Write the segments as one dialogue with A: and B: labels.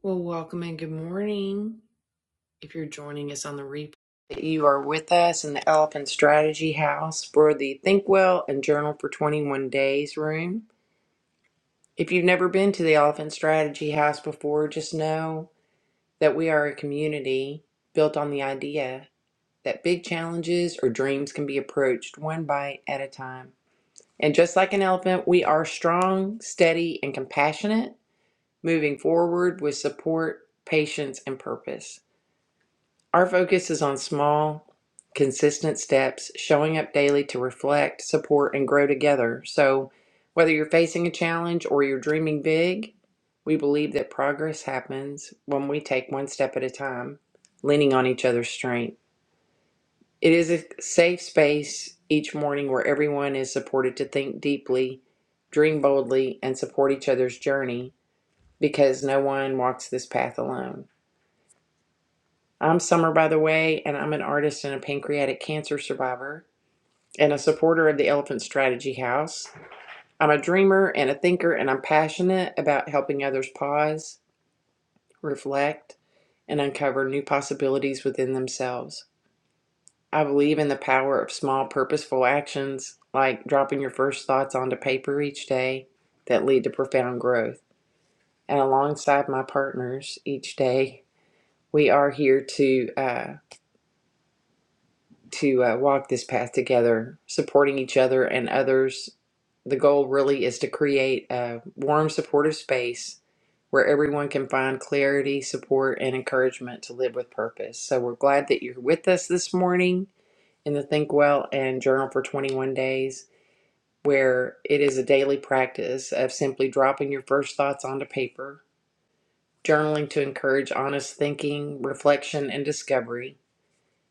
A: Well, welcome and good morning. If you're joining us on the replay, you are with us in the Elephant Strategy House for the Think Well and Journal for 21 Days room. If you've never been to the Elephant Strategy House before, just know that we are a community built on the idea that big challenges or dreams can be approached one bite at a time. And just like an elephant, we are strong, steady, and compassionate, moving forward with support, patience, and purpose. Our focus is on small, consistent steps, showing up daily to reflect, support, and grow together. So, whether you're facing a challenge or you're dreaming big, we believe that progress happens when we take one step at a time, leaning on each other's strength. It is a safe space each morning where everyone is supported to think deeply, dream boldly, and support each other's journey because no one walks this path alone. I'm Summer, by the way, and I'm an artist and a pancreatic cancer survivor and a supporter of the Elephant Strategy House. I'm a dreamer and a thinker, and I'm passionate about helping others pause, reflect, and uncover new possibilities within themselves. I believe in the power of small, purposeful actions, like dropping your first thoughts onto paper each day, that lead to profound growth. And alongside my partners each day, we are here to. uh, to uh, walk this path together, supporting each other and others. The goal really is to create a warm, supportive space where everyone can find clarity, support, and encouragement to live with purpose. So we're glad that you're with us this morning in the Think Well and Journal for 21 Days, where it is a daily practice of simply dropping your first thoughts onto paper, journaling to encourage honest thinking, reflection, and discovery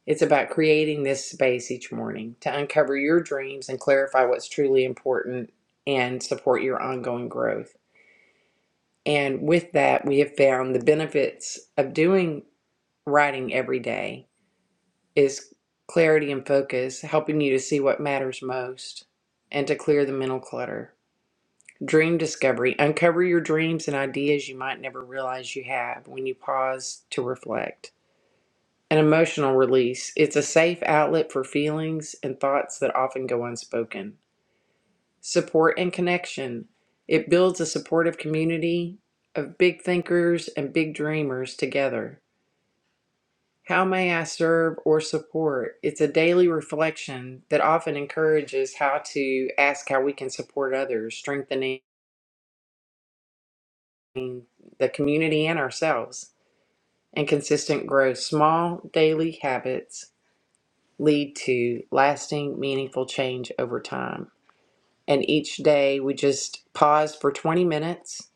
A: it's about creating this space each morning to uncover your dreams and clarify what's truly important and support your ongoing growth. And with that, we have found the benefits of doing writing every day is clarity and focus, helping you to see what matters most and to clear the mental clutter. Dream discovery, uncover your dreams and ideas you might never realize you have when you pause to reflect An emotional release. It's a safe outlet for feelings and thoughts that often go unspoken. Support and connection. It builds a supportive community of big thinkers and big dreamers together. How may I serve or support? It's a daily reflection that often encourages how to ask how we can support others, strengthening the community and ourselves, and consistent growth. Small daily habits lead to lasting, meaningful change over time. And each day we just pause for 20 minutes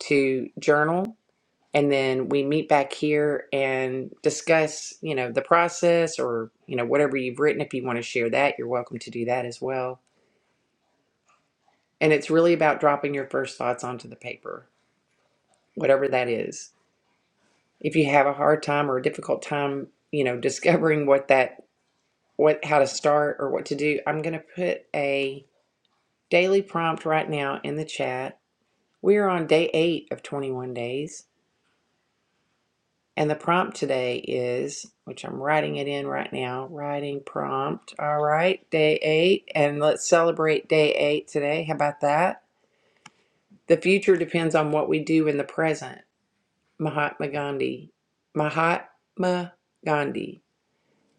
A: to journal and then we meet back here and discuss, you know, the process or, you know, whatever you've written. If you want to share that, you're welcome to do that as well. And it's really about dropping your first thoughts onto the paper, whatever that is. If you have a hard time or a difficult time, you know, discovering what that what how to start or what to do, I'm going to put a Daily prompt right now in the chat. We are on day eight of 21 days. And the prompt today is, which I'm writing it in right now, writing prompt. All right, day eight. And let's celebrate day eight today. How about that? The future depends on what we do in the present. Mahatma Gandhi. Mahatma Gandhi.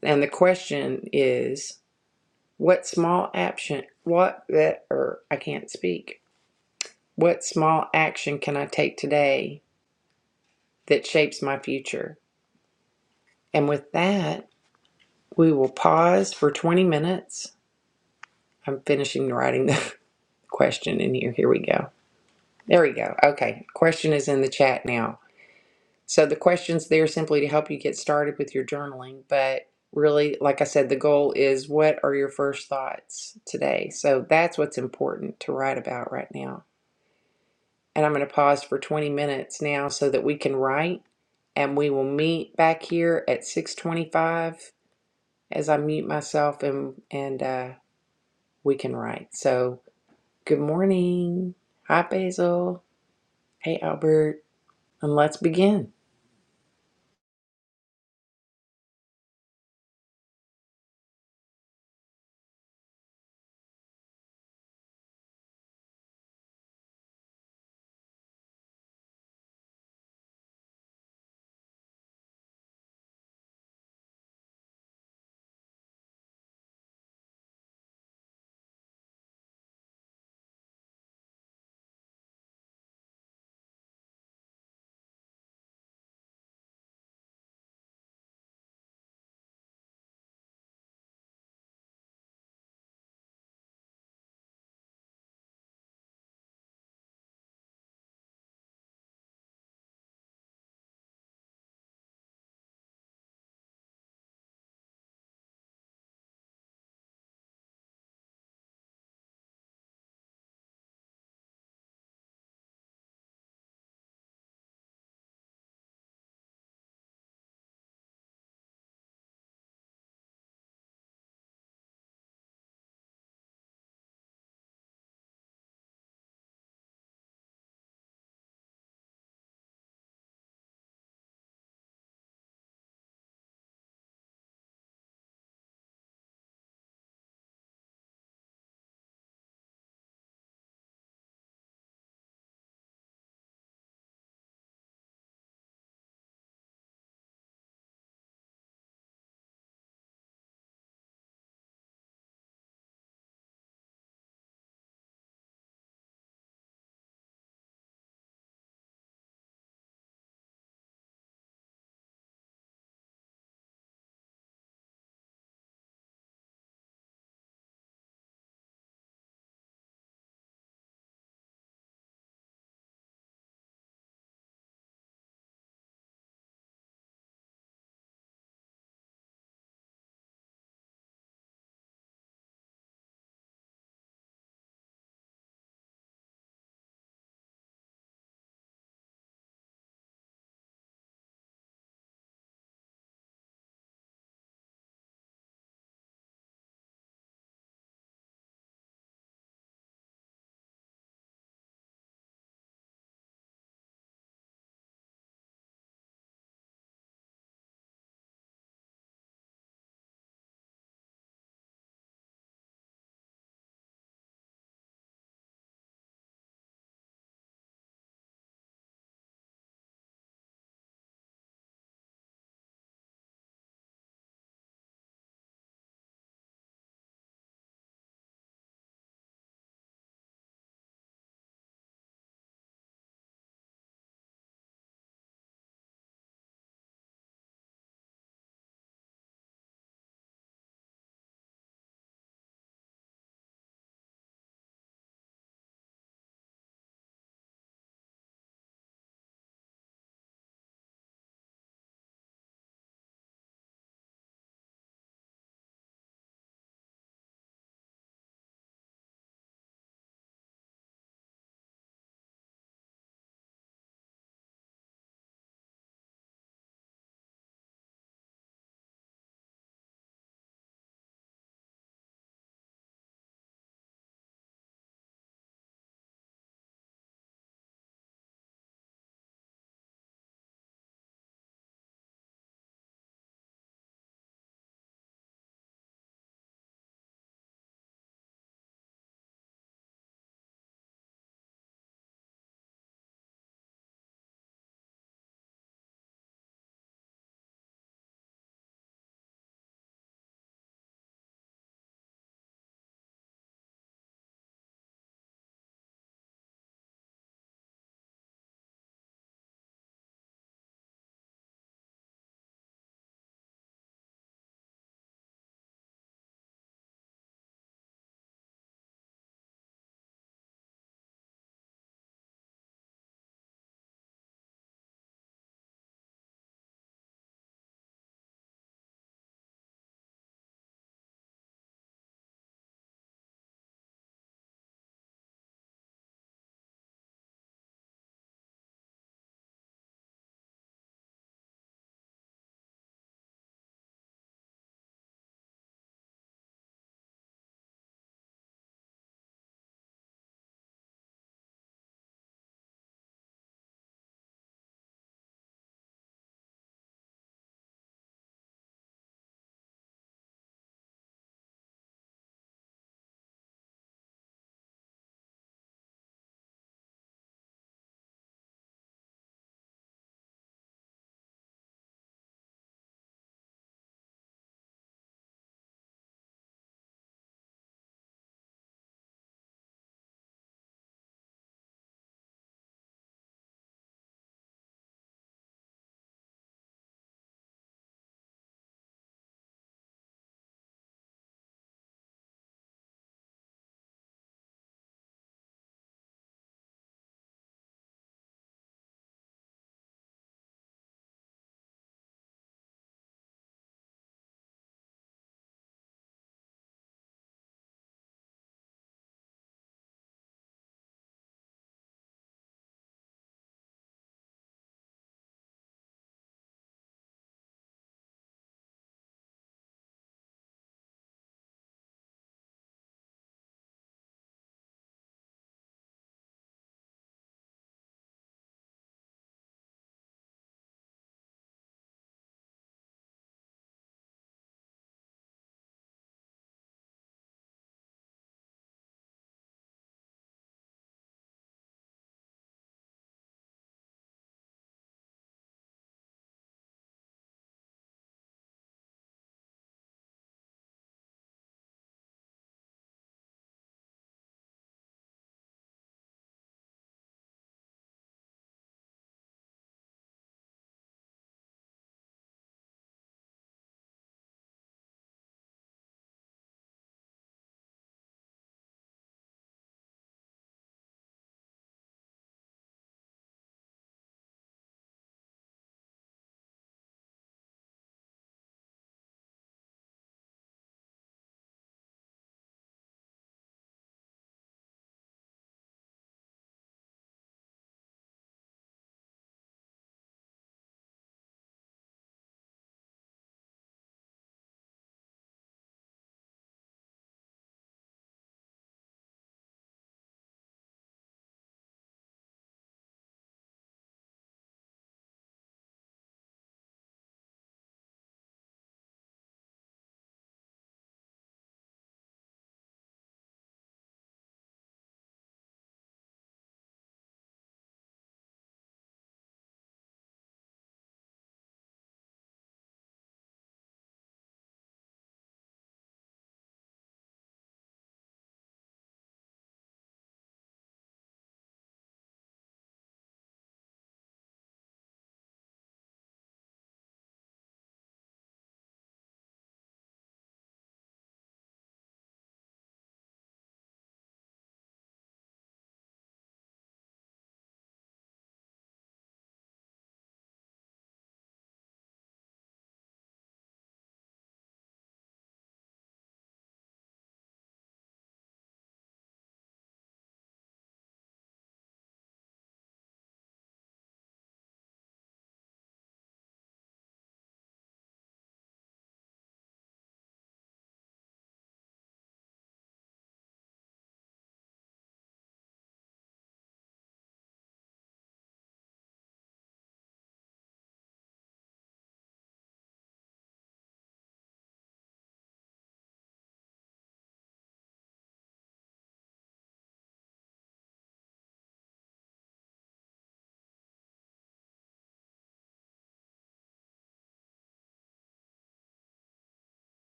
A: And the question is, what small action, what, that, or I can't speak. What small action can I take today that shapes my future. And with that, we will pause for 20 minutes. I'm finishing writing the question in here. Here we go. There we go. Okay. Question is in the chat now. So the question's there simply to help you get started with your journaling. But really, like I said, the goal is what are your first thoughts today? So that's what's important to write about right now. And I'm going to pause for 20 minutes now so that we can write and we will meet back here at 6:25 as I mute myself and and uh, we can write. So good morning. Hi Basil. Hey Albert. And let's begin.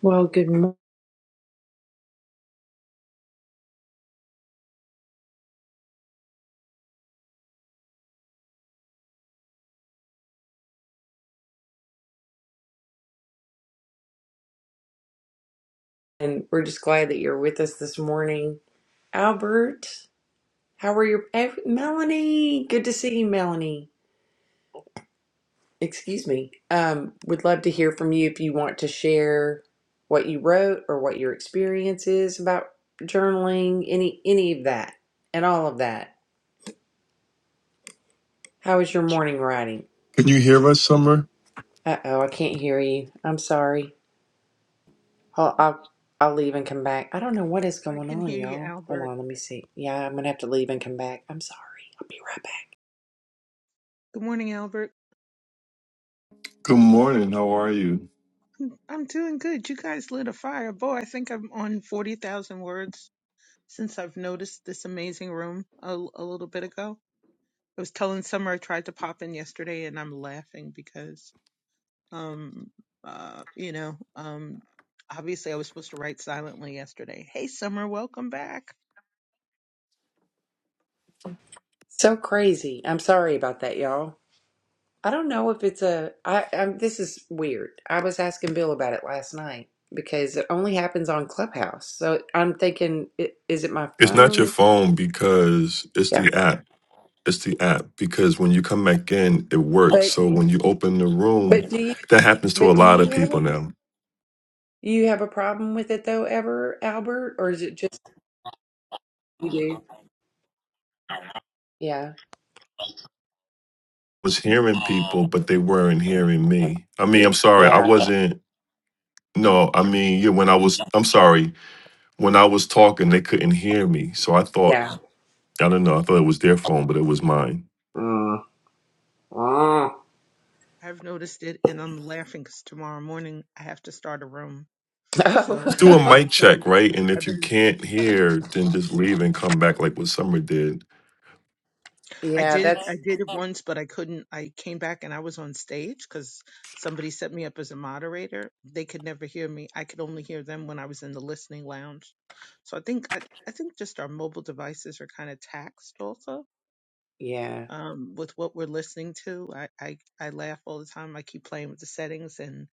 A: Well, good morning. And We're just glad that you're with us this morning. Albert, how are your eh, Melanie? Good to see you, Melanie. Excuse me. Um, would love to hear from you if you want to share what you wrote or what your experience is about journaling, any any of that and all of that. How is your morning writing?
B: Can you hear us, Summer?
A: Uh-oh, I can't hear you. I'm sorry. I'll, I'll I'll leave and come back. I don't know what is
C: I
A: going
C: can
A: on,
C: hear you,
A: y'all. Hold
C: Albert.
A: on, let me see. Yeah, I'm gonna have to leave and come back. I'm sorry. I'll be right back.
C: Good morning, Albert.
B: Good morning. How are you?
C: I'm doing good. You guys lit a fire. Boy, I think I'm on 40,000 words since I've noticed this amazing room a, a little bit ago. I was telling Summer I tried to pop in yesterday and I'm laughing because, um, uh, you know, um, obviously I was supposed to write silently yesterday. Hey, Summer, welcome back.
A: So crazy. I'm sorry about that, y'all. I don't know if it's a I I'm, this is weird. I was asking Bill about it last night because it only happens on Clubhouse. So I'm thinking, i- is it my
B: It's not your
A: phone?
B: phone because it's
A: Yeah.
B: the app. It's the app because when you come back in, it works.
A: But
B: So
A: you,
B: when you open the room,
A: but do you
B: that happens to a
A: but do
B: lot of
A: you have
B: people
A: a
B: now. I
A: you have a problem with it though ever, Albert, or is it just you do? Yeah.
B: was hearing people, but they weren't hearing me. I mean, I'm sorry. I
A: Yeah.
B: wasn't. No, I mean, yeah, when I was, I'm sorry. When I was talking, they couldn't hear me. So I thought,
A: Yeah.
B: I don't know. I thought it was their phone, but it was mine.
A: Mm. Mm.
C: I've noticed it and I'm laughing because tomorrow morning I have to start a room. So
B: Just
C: I've
B: do
C: been
B: a
C: in
A: Oh.
B: mic check,
C: some,
B: right? And
C: I've
B: if
C: been
B: you can't hear, then just leave and come back like what Summer did.
C: I
A: yeah,
C: did
A: that's
C: I did it once, but I couldn't. I came back and I was on stage because somebody set me up as a moderator. They could never hear me. I could only hear them when I was in the listening lounge. So I think I, I think just our mobile devices are kind of taxed also
A: yeah.
C: um, with what we're listening to. I, I I laugh all the time. I keep playing with the settings, and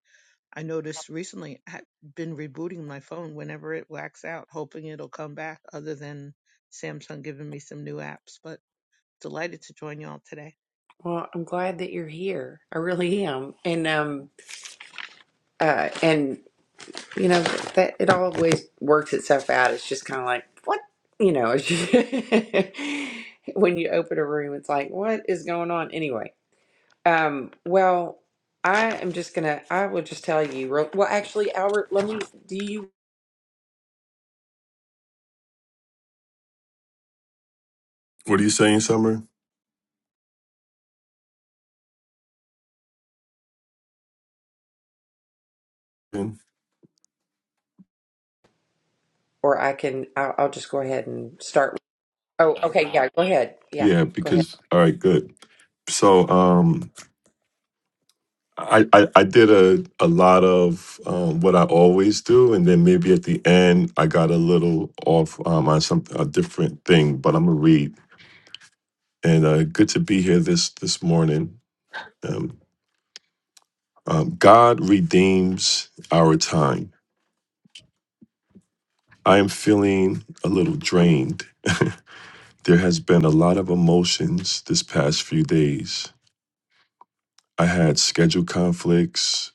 C: I noticed recently I've been rebooting my phone whenever it whacks out, hoping it'll come back. Other than Samsung giving me some new apps, but delighted to join y'all today.
A: Well, I'm glad that you're here. I really am. And um uh and you know that it always works itself out. It's just kind of like what, you know, it's just- when you open a room it's like what is going on anyway. Um well, I am just going to I will just tell you real, well actually Albert, let me do you
B: What are you saying, Summer?
A: or I can I'll, I'll just go ahead and start Oh, okay. Yeah, go ahead. Yeah,
B: Yeah,
A: go ahead.
B: because all right, good. So um I, I, I did a, a lot of um, what I always do, and then maybe at the end I got a little off um, on some a different thing, but I'm gonna read. And uh, good to be here this this morning. Um, um, God redeems our time. I am feeling a little drained There has been a lot of emotions this past few days. I had schedule conflicts,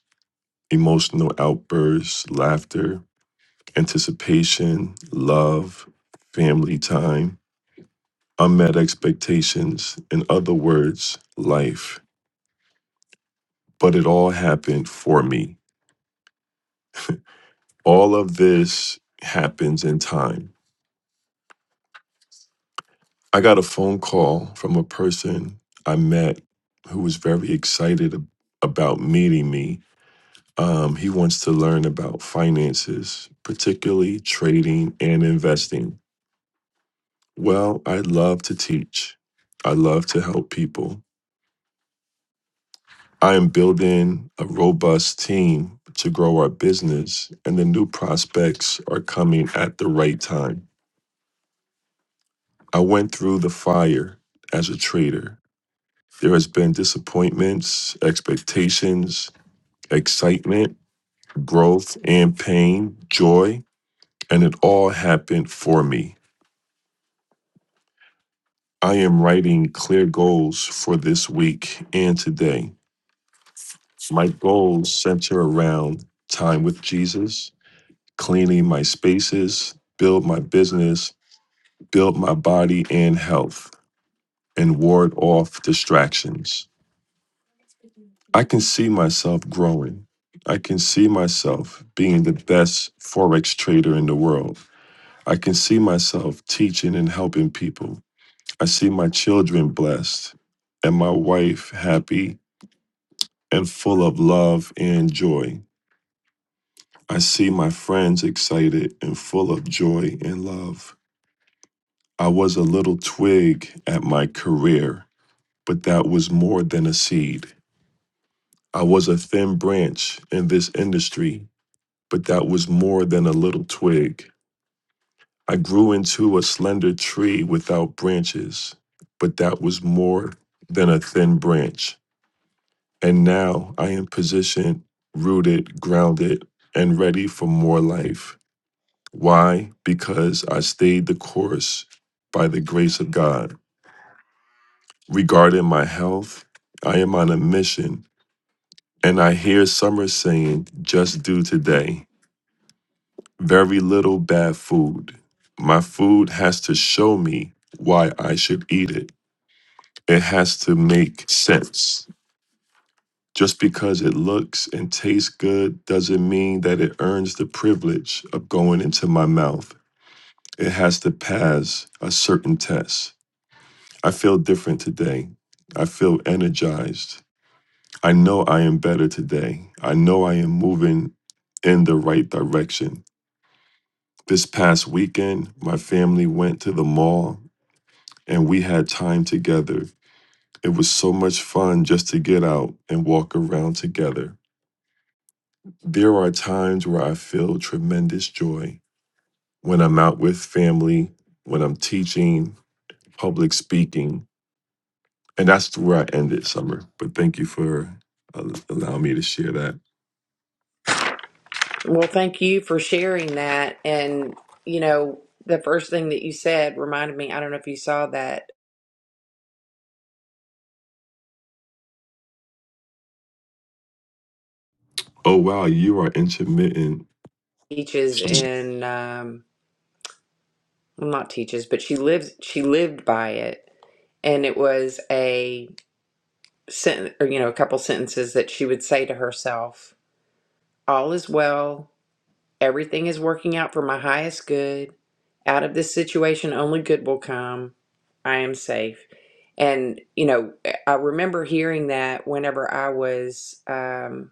B: emotional outbursts, laughter, anticipation, love, family time, unmet expectations, in other words, life. But it all happened for me. All of this happens in time. I got a phone call from a person I met who was very excited ab- about meeting me Um, he wants to learn about finances, particularly trading and investing. Well, I love to teach. I love to help people. I am building a robust team to grow our business, and the new prospects are coming at the right time. I went through the fire as a trader. There has been disappointments, expectations, excitement, growth and pain, joy, and it all happened for me. I am writing clear goals for this week and today. My goals center around time with Jesus, cleaning my spaces, build my business, build my body and health, and ward off distractions. I can see myself growing. I can see myself being the best Forex trader in the world. I can see myself teaching and helping people. I see my children blessed and my wife happy and full of love and joy. I see my friends excited and full of joy and love. I was a little twig at my career, but that was more than a seed. I was a thin branch in this industry, but that was more than a little twig. I grew into a slender tree without branches, but that was more than a thin branch. And now I am positioned, rooted, grounded, and ready for more life. Why? Because I stayed the course by the grace of God. Regarding my health, I am on a mission, and I hear some are saying, just do today. Very little bad food. My food has to show me why I should eat it. It has to make sense. Just because it looks and tastes good doesn't mean that it earns the privilege of going into my mouth. It has to pass a certain test. I feel different today. I feel energized. I know I am better today. I know I am moving in the right direction. This past weekend, my family went to the mall and we had time together. It was so much fun just to get out and walk around together. There are times where I feel tremendous joy when I'm out with family, when I'm teaching, public speaking, And that's where I ended summer. But thank you for uh, allowing me to share that.
A: Well, thank you for sharing that. And, you know, the first thing that you said reminded me, I don't know if you saw that
B: Oh, wow, you are intermittent.
A: teaches
B: Summer.
A: in, um, well, not teaches, but she lives, she lived by it. And it was a sentence, or, you know, a couple sentences that she would say to herself, all is well. Everything is working out for my highest good. Out of this situation, only good will come. I am safe. And, you know, eh, I remember hearing that whenever I was, um,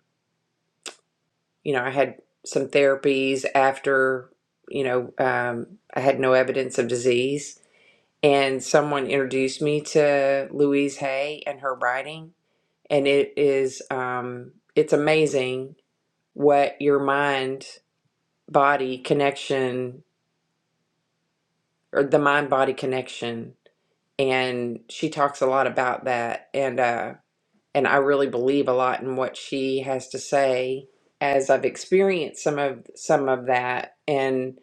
A: you know, I had some therapies after, you know, um, I had no evidence of disease. And someone introduced me to Louise Hay and her writing. And it is, um, it's amazing what your mind body connection or the mind body connection and she talks a lot about that and uh and I really believe a lot in what she has to say as I've experienced some of some of that and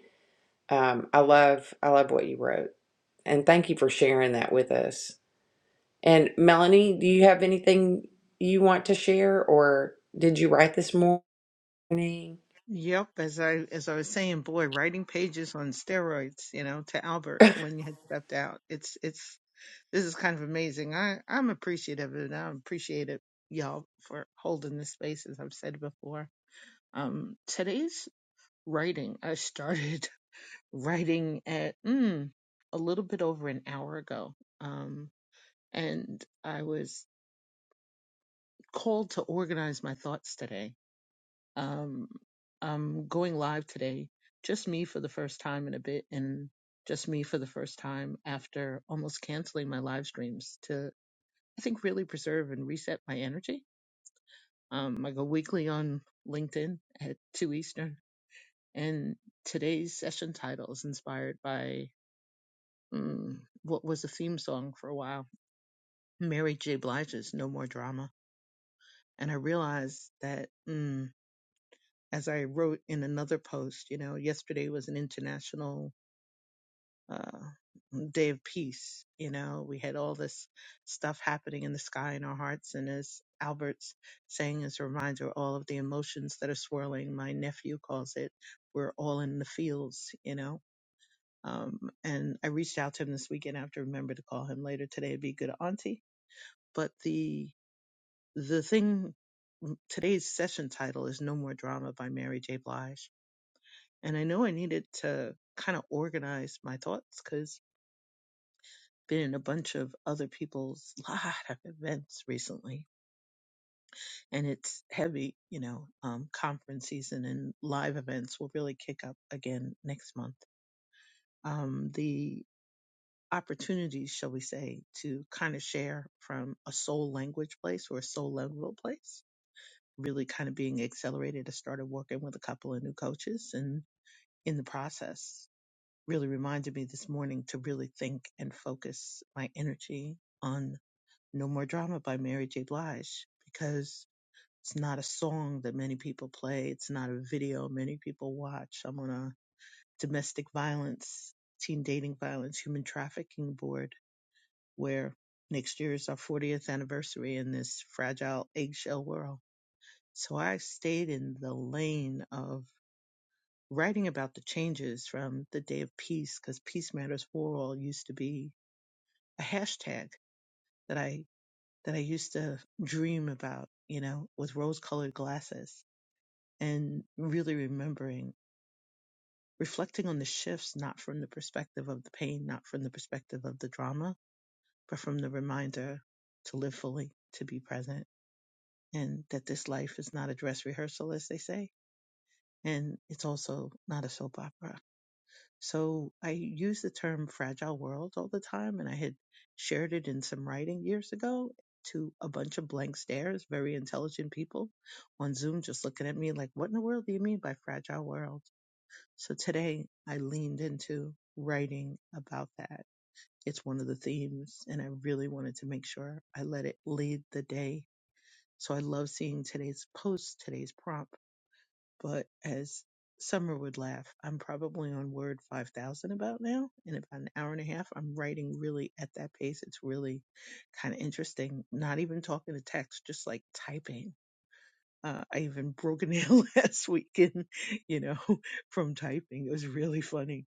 A: um I love I love what you wrote and thank you for sharing that with us. And Melanie, do you have anything you want to share or did you write this morning?
C: Yep, as I as I was saying, boy, writing pages on steroids, you know, to Albert when you had stepped out. It's it's this is kind of amazing. I I'm appreciative and I appreciate it, y'all, for holding this space as I've said before. Um, today's writing, I started writing at mm, a little bit over an hour ago. Um, and I was called to organize my thoughts today Um, I'm going live today, just me for the first time in a bit, and just me for the first time after almost canceling my live streams to, I think, really preserve and reset my energy. Um, I go weekly on LinkedIn at 2 Eastern, and today's session title is inspired by mm, what was a theme song for a while Mary J. Blige's No More Drama. And I realized that mm, as I wrote in another post, you know, yesterday was an international uh, day of peace. You know, we had all this stuff happening in the sky in our hearts. And as Albert's saying as a reminder, all of the emotions that are swirling, my nephew calls it, we're all in the fields, you know. Um, and I reached out to him this weekend. I have to remember to call him later today. It'd be good auntie. But the, the thing, mm, today's session title is No More Drama by Mary J. Blige. And I know I needed to kind of organize my thoughts because been in a bunch of other people's lot of events recently and it's heavy you know um, conference season and live events will really kick up again next month um, the opportunities shall we say to kind of share from a soul language place or a soul level place really kind of being accelerated i started working with a couple of new coaches and in the process really reminded me this morning to really think and focus my energy on. No More Drama by Mary J. Blige because it's not a song that many people play. It's not a video many people watch. I'm on a domestic violence, teen dating violence, human trafficking board where next year is our 40th anniversary in this fragile eggshell world. So I stayed in the lane of writing about the changes from the day of peace because Peace Matters World used to be a hashtag that I that I used to dream about, you know, with rose colored glasses and really remembering, reflecting on the shifts, not from the perspective of the pain, not from the perspective of the drama, but from the reminder to live fully, to be present, and that this life is not a dress rehearsal, as they say, and it's also not a soap opera So I use the term fragile world all the time, and I had shared it in some writing years ago to a bunch of blank stares, very intelligent people on Zoom just looking at me like, what in the world do you mean by fragile world? So today I leaned into writing about that. It's one of the themes, and I really wanted to make sure I let it lead the day. So I love seeing today's post, today's prompt but as Summer would laugh, I'm probably on word 5,000 about now. In about an hour and a half, I'm writing really at that pace. It's really kind of interesting. Not even talking to text, just like typing. Uh, I even broke a nail last weekend, you know, from typing. It was really funny.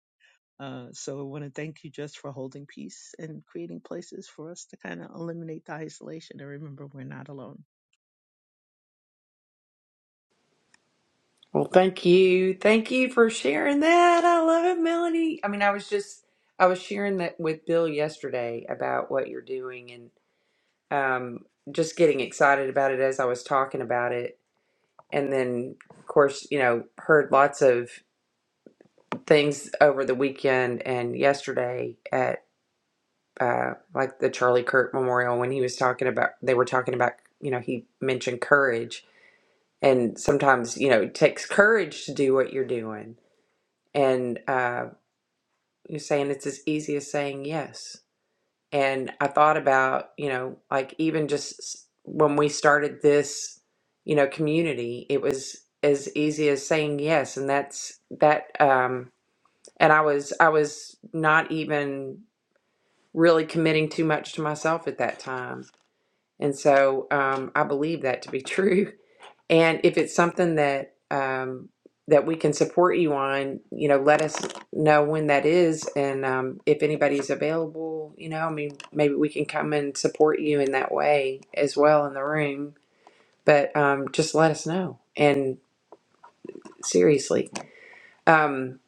C: Uh, so I want to thank you just for holding peace and creating places for us to kind of eliminate the isolation and remember we're not alone.
A: Well, thank you. Thank you for sharing that. I love it, Melanie. I mean, I was just I was sharing that with Bill yesterday about what you're doing and um just getting excited about it as I was talking about it. And then of course, you know, heard lots of things over the weekend and yesterday at uh like the Charlie Kirk Memorial when he was talking about they were talking about, you know, he mentioned courage and sometimes, you know, it takes courage to do what you're doing and um You're saying it's as easy as saying yes. And I thought about, you know, like even just s- when we started this, you know, community, it was as easy as saying yes. And that's that, um, and I was, I was not even really committing too much to myself at that time. And so, um, I believe that to be true. And if it's something that um, that we can support you on, you know, let us know when that is, and um, if anybody's available, you know, I mean, maybe we can come and support you in that way as well in the room. But um, just let us know. And seriously, um,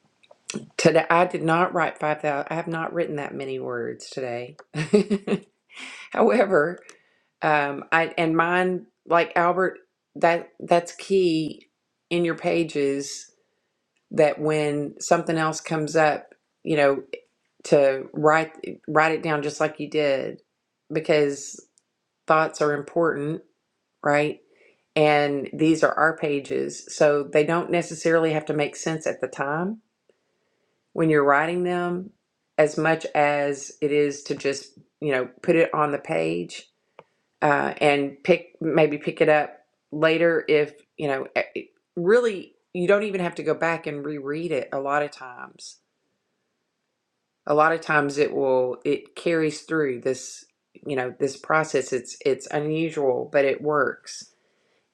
A: today I did not write five thousand. I have not written that many words today. However, um, I and mine like Albert that that's key in your pages that when something else comes up, you know, to write write it down just like you did because thoughts are important, right? And these are our pages, so they don't necessarily have to make sense at the time when you're writing them as much as it is to just, you know, put it on the page uh, and pick maybe pick it up later if, you know, eh, eh, really you don't even have to go back and reread it a lot of times a lot of times it will it carries through this you know this process it's it's unusual but it works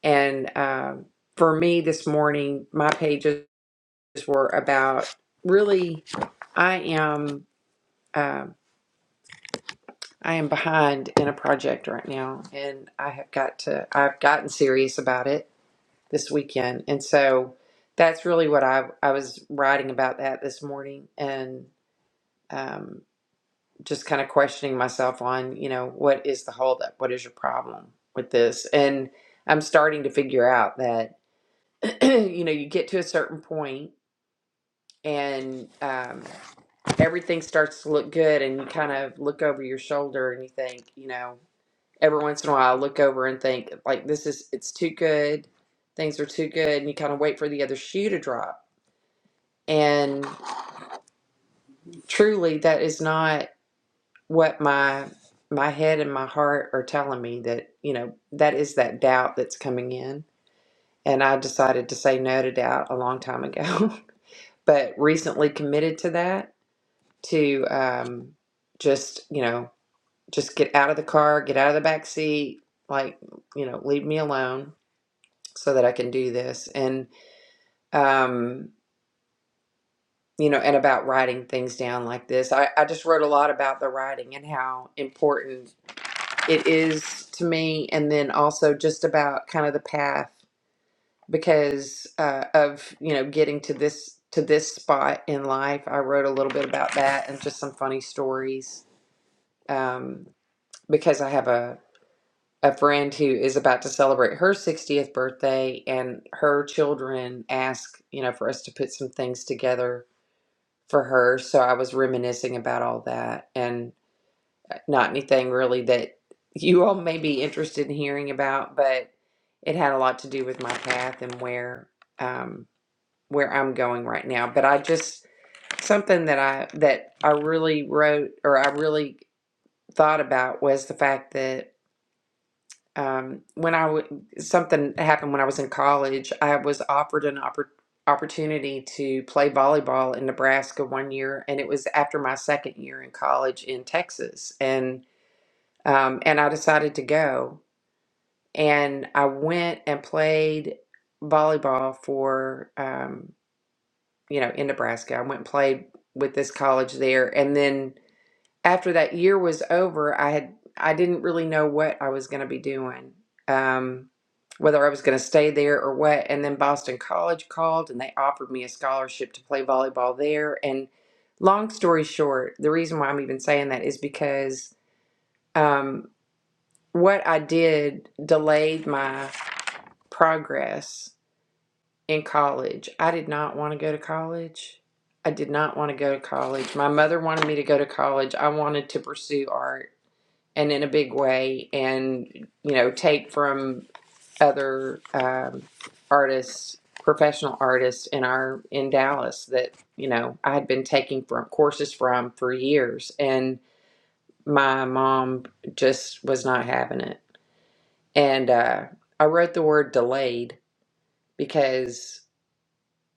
A: and um, for me this morning my pages were about really i am um, i am behind in a project right now and i have got to i've gotten serious about it this weekend and so that's really what i i was writing about that this morning and um, just kind of questioning myself on, you know, what is the holdup? What is your problem with this? And I'm starting to figure out that, you know, you get to a certain point and um, everything starts to look good, and you kind of look over your shoulder and you think, you know, every once in a while, I look over and think, like, this is, it's too good. Things are too good. And you kind of wait for the other shoe to drop. And truly, that is not. what my my head and my heart are telling me that you know that is that doubt that's coming in and i decided to say no to doubt a long time ago but recently committed to that to um, just you know just get out of the car get out of the back seat like you know leave me alone so that i can do this and um, you know and about writing things down like this I, I just wrote a lot about the writing and how important it is to me and then also just about kind of the path because uh, of you know getting to this to this spot in life i wrote a little bit about that and just some funny stories um, because i have a, a friend who is about to celebrate her 60th birthday and her children ask you know for us to put some things together for her so i was reminiscing about all that and. Not anything really that you all may be interested in hearing about, but it had a lot to do with my path and where um, where I'm going right now. But I just something that I that I really wrote or I really thought about was the fact that um, when I w- something happened when I was in college, I was offered an oppor- opportunity to play volleyball in Nebraska one year, and it was after my second year in college in Texas, and. Um, and I decided to go. And I went and played volleyball for, um, you know, in Nebraska. I went and played with this college there. And then after that year was over, I had, I didn't really know what I was going to be doing, um, whether I was going to stay there or what. And then Boston College called and they offered me a scholarship to play volleyball there. And long story short, the reason why I'm even saying that is because. um, what I did delayed my progress in college. I did not want to go to college. I did not want to go to college. My mother wanted me to go to college. I wanted to pursue art and in a big way and, you know, take from other um, artists, professional artists in our, in Dallas that, you know, I had been taking from courses from for years. And my mom just was not having it And uh, I wrote the word delayed because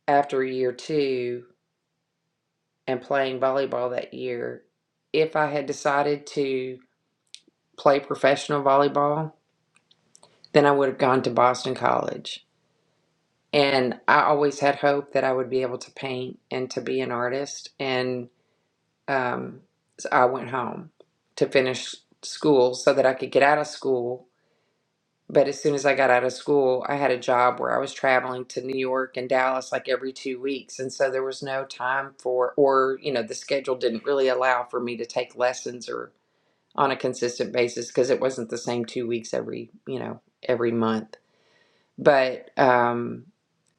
A: after year two and playing volleyball that year, if I had decided to play professional volleyball, then I would have gone to Boston College. And I always had hope that I would be able to paint and to be an artist. And um, so I went home to finish school so that I could get out of school But as soon as I got out of school, I had a job where I was traveling to New York and Dallas like every two weeks. And so there was no time for, or, you know, the schedule didn't really allow for me to take lessons or on a consistent basis because it wasn't the same two weeks every, you know, every month. But, um,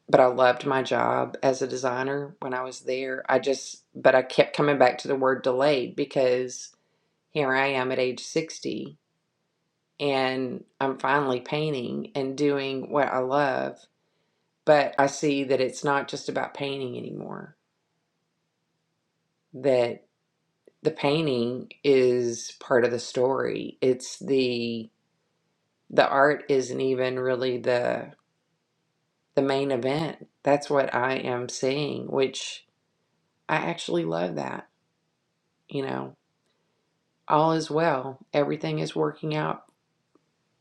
A: but I loved my job as a designer when I was there. I just, but I kept coming back to the word delayed because here I am at age 60 and I'm finally painting and doing what I love. But I see that it's not just about painting anymore, that the painting is part of the story. It's the the art isn't even really the the main event. That's what I am seeing, which I actually love that, you know. All is well. Everything is working out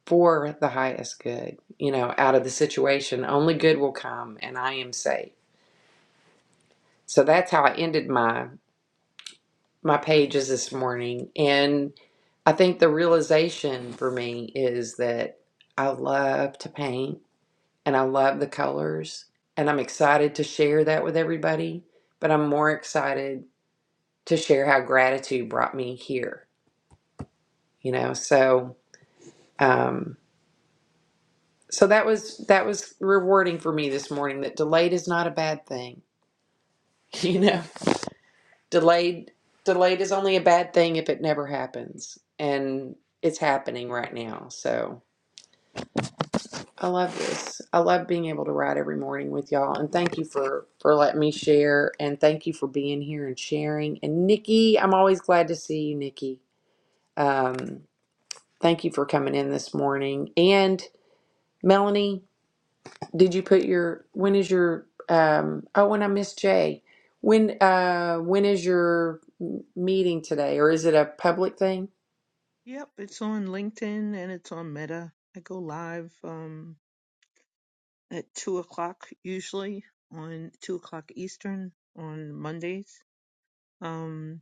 A: for the highest good. You know, out of the situation, only good will come and I am safe So that's how I ended my my pages this morning. And I think the realization for me is that I love to paint and I love the colors and I'm excited to share that with everybody, but I'm more excited to share how gratitude brought me here, you know. So um so that was that was rewarding for me this morning that delayed is not a bad thing. You know. delayed delayed is only a bad thing if it never happens and it's happening right now so i love this i love being able to write every morning with y'all and thank you for for letting me share and thank you for being here and sharing and nikki i'm always glad to see you nikki um thank you for coming in this morning and melanie did you put your when is your um oh and i miss jay when uh when is your m- meeting today or is it a public thing
C: Yep, it's on LinkedIn and it's on Meta. I go live. Um, at two o'clock usually on two o'clock Eastern on Mondays. Um,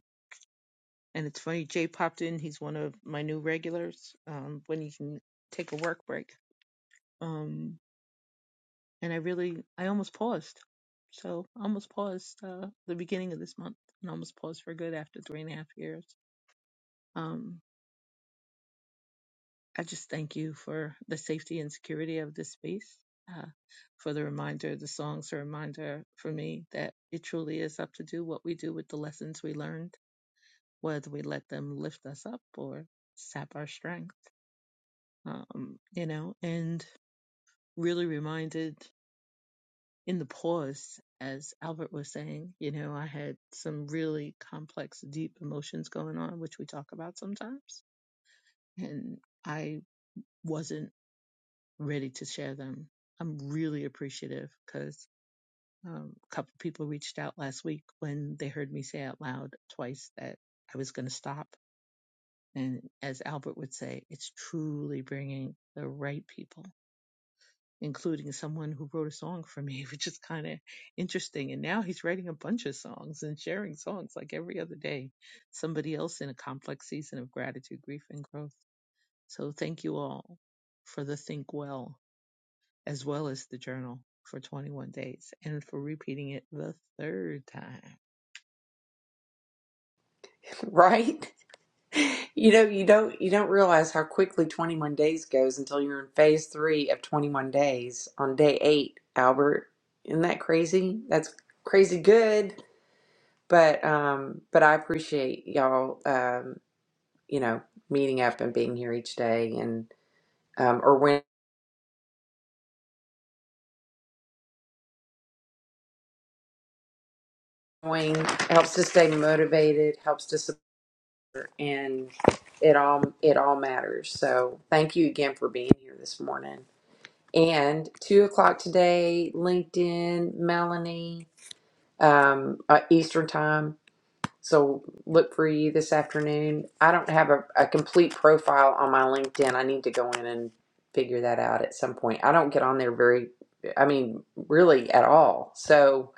C: and it's funny, Jay popped in. He's one of my new regulars um, when he can take a work break. Um, and I really, I almost paused. So I almost paused uh, the beginning of this month and almost paused for good after three and a half years. Um, I just thank you for the safety and security of this space, uh, for the reminder, the song's a reminder for me that it truly is up to do what we do with the lessons we learned, whether we let them lift us up or sap our strength, um, you know, and really reminded in the pause, as Albert was saying, you know, I had some really complex, deep emotions going on, which we talk about sometimes. And I wasn't ready to share them. I'm really appreciative because um, a couple people reached out last week when they heard me say out loud twice that I was going to stop. And as Albert would say, it's truly bringing the right people, including someone who wrote a song for me, which is kind of interesting. And now he's writing a bunch of songs and sharing songs like every other day. Somebody else in a complex season of gratitude, grief, and growth. So thank you all for the Think Well as well as the journal for 21 days and for repeating it the third time.
A: Right? You know, you don't you don't realize how quickly 21 days goes until you're in phase 3 of 21 days on day 8, Albert. Isn't that crazy? That's crazy good. But um but I appreciate y'all um you know, meeting up and being here each day and um or when going helps to stay motivated, helps to support and it all it all matters. So, thank you again for being here this morning. And two o'clock today, LinkedIn, Melanie, um, uh, Eastern time. So look for you this afternoon. I don't have a, a complete profile on my LinkedIn. I need to go in and figure that out at some point. I don't get on there very, I mean, really at all. So,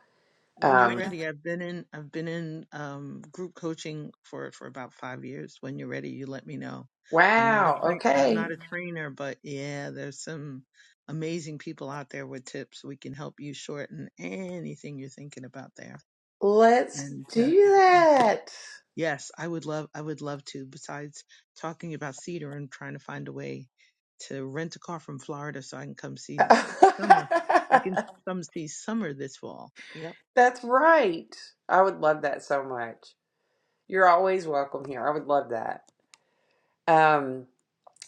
C: When you're
A: um,
C: ready, I've been in I've been in um, group coaching for for about five years. When you're ready, you let me know. I'm not a
A: wow.
C: train I'm
A: Okay.
C: not a trainer, but yeah, there's some amazing people out there with tips. We can help you shorten anything you're thinking about there.
A: Let's
C: And uh,
A: do that.
C: Yes, I would love I would love to, besides talking about Cedar and trying to find a way to rent a car from Florida so I can come see summer. I can come see summer this fall. Yep.
A: That's right. I would love that so much. You're always welcome here. I would love that. Um,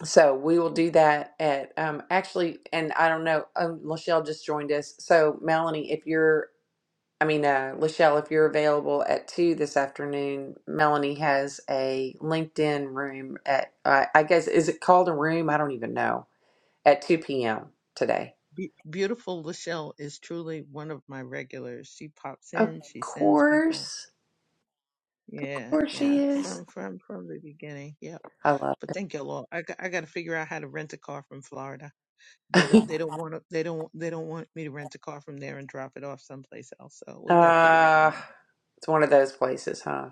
A: so we will do that at um, actually, and I don't know. Um, Lachelle just joined us. So Melanie, if you're, I mean, uh, Lachelle, if you're available at two this afternoon, Melanie has a LinkedIn room at. Uh, I guess is it called a room? I don't even know. At two p.m. today.
C: Be- beautiful Lachelle is truly one of my regulars. She pops
A: Of
C: in, she sends people.
A: course, of
C: Yeah,
A: course she
C: yeah.
A: is.
C: From from from the beginning. Yep.
A: I love.
C: But thank you, Lord. I got, I got to figure out how to rent a car from Florida. They don't they don't want to, they don't they don't want me to rent a car from there and drop it off someplace else. So we got to figure that
A: uh,
C: out.
A: it's one of those places, huh?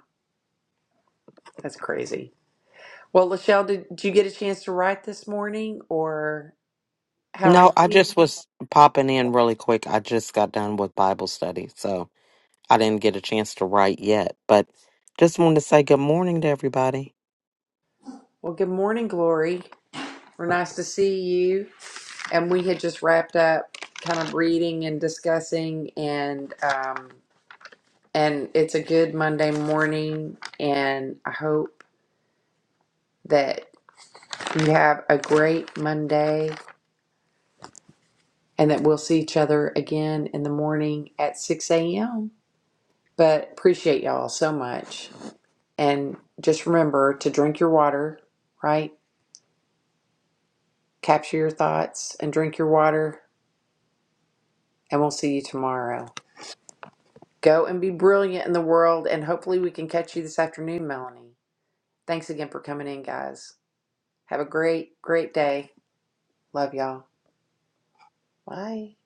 A: That's crazy. Well, Lachelle, did, did you get a chance to write this morning or how are
D: No, I
A: you?
D: just was popping in really quick. I just got done with Bible study, so I didn't get a chance to write yet, but just wanted to say good morning to everybody.
A: Well, good morning, Glory. We're nice to see you. And we had just wrapped up kind of reading and discussing and um and it's a good Monday morning and I hope that you have a great Monday and that we'll see each other again in the morning at 6 a.m. But appreciate y'all so much. And just remember to drink your water, right? Capture your thoughts and drink your water, and we'll see you tomorrow. Go and be brilliant in the world, and hopefully, we can catch you this afternoon, Melanie. Thanks again for coming in, guys. Have a great, great day. Love y'all. Bye.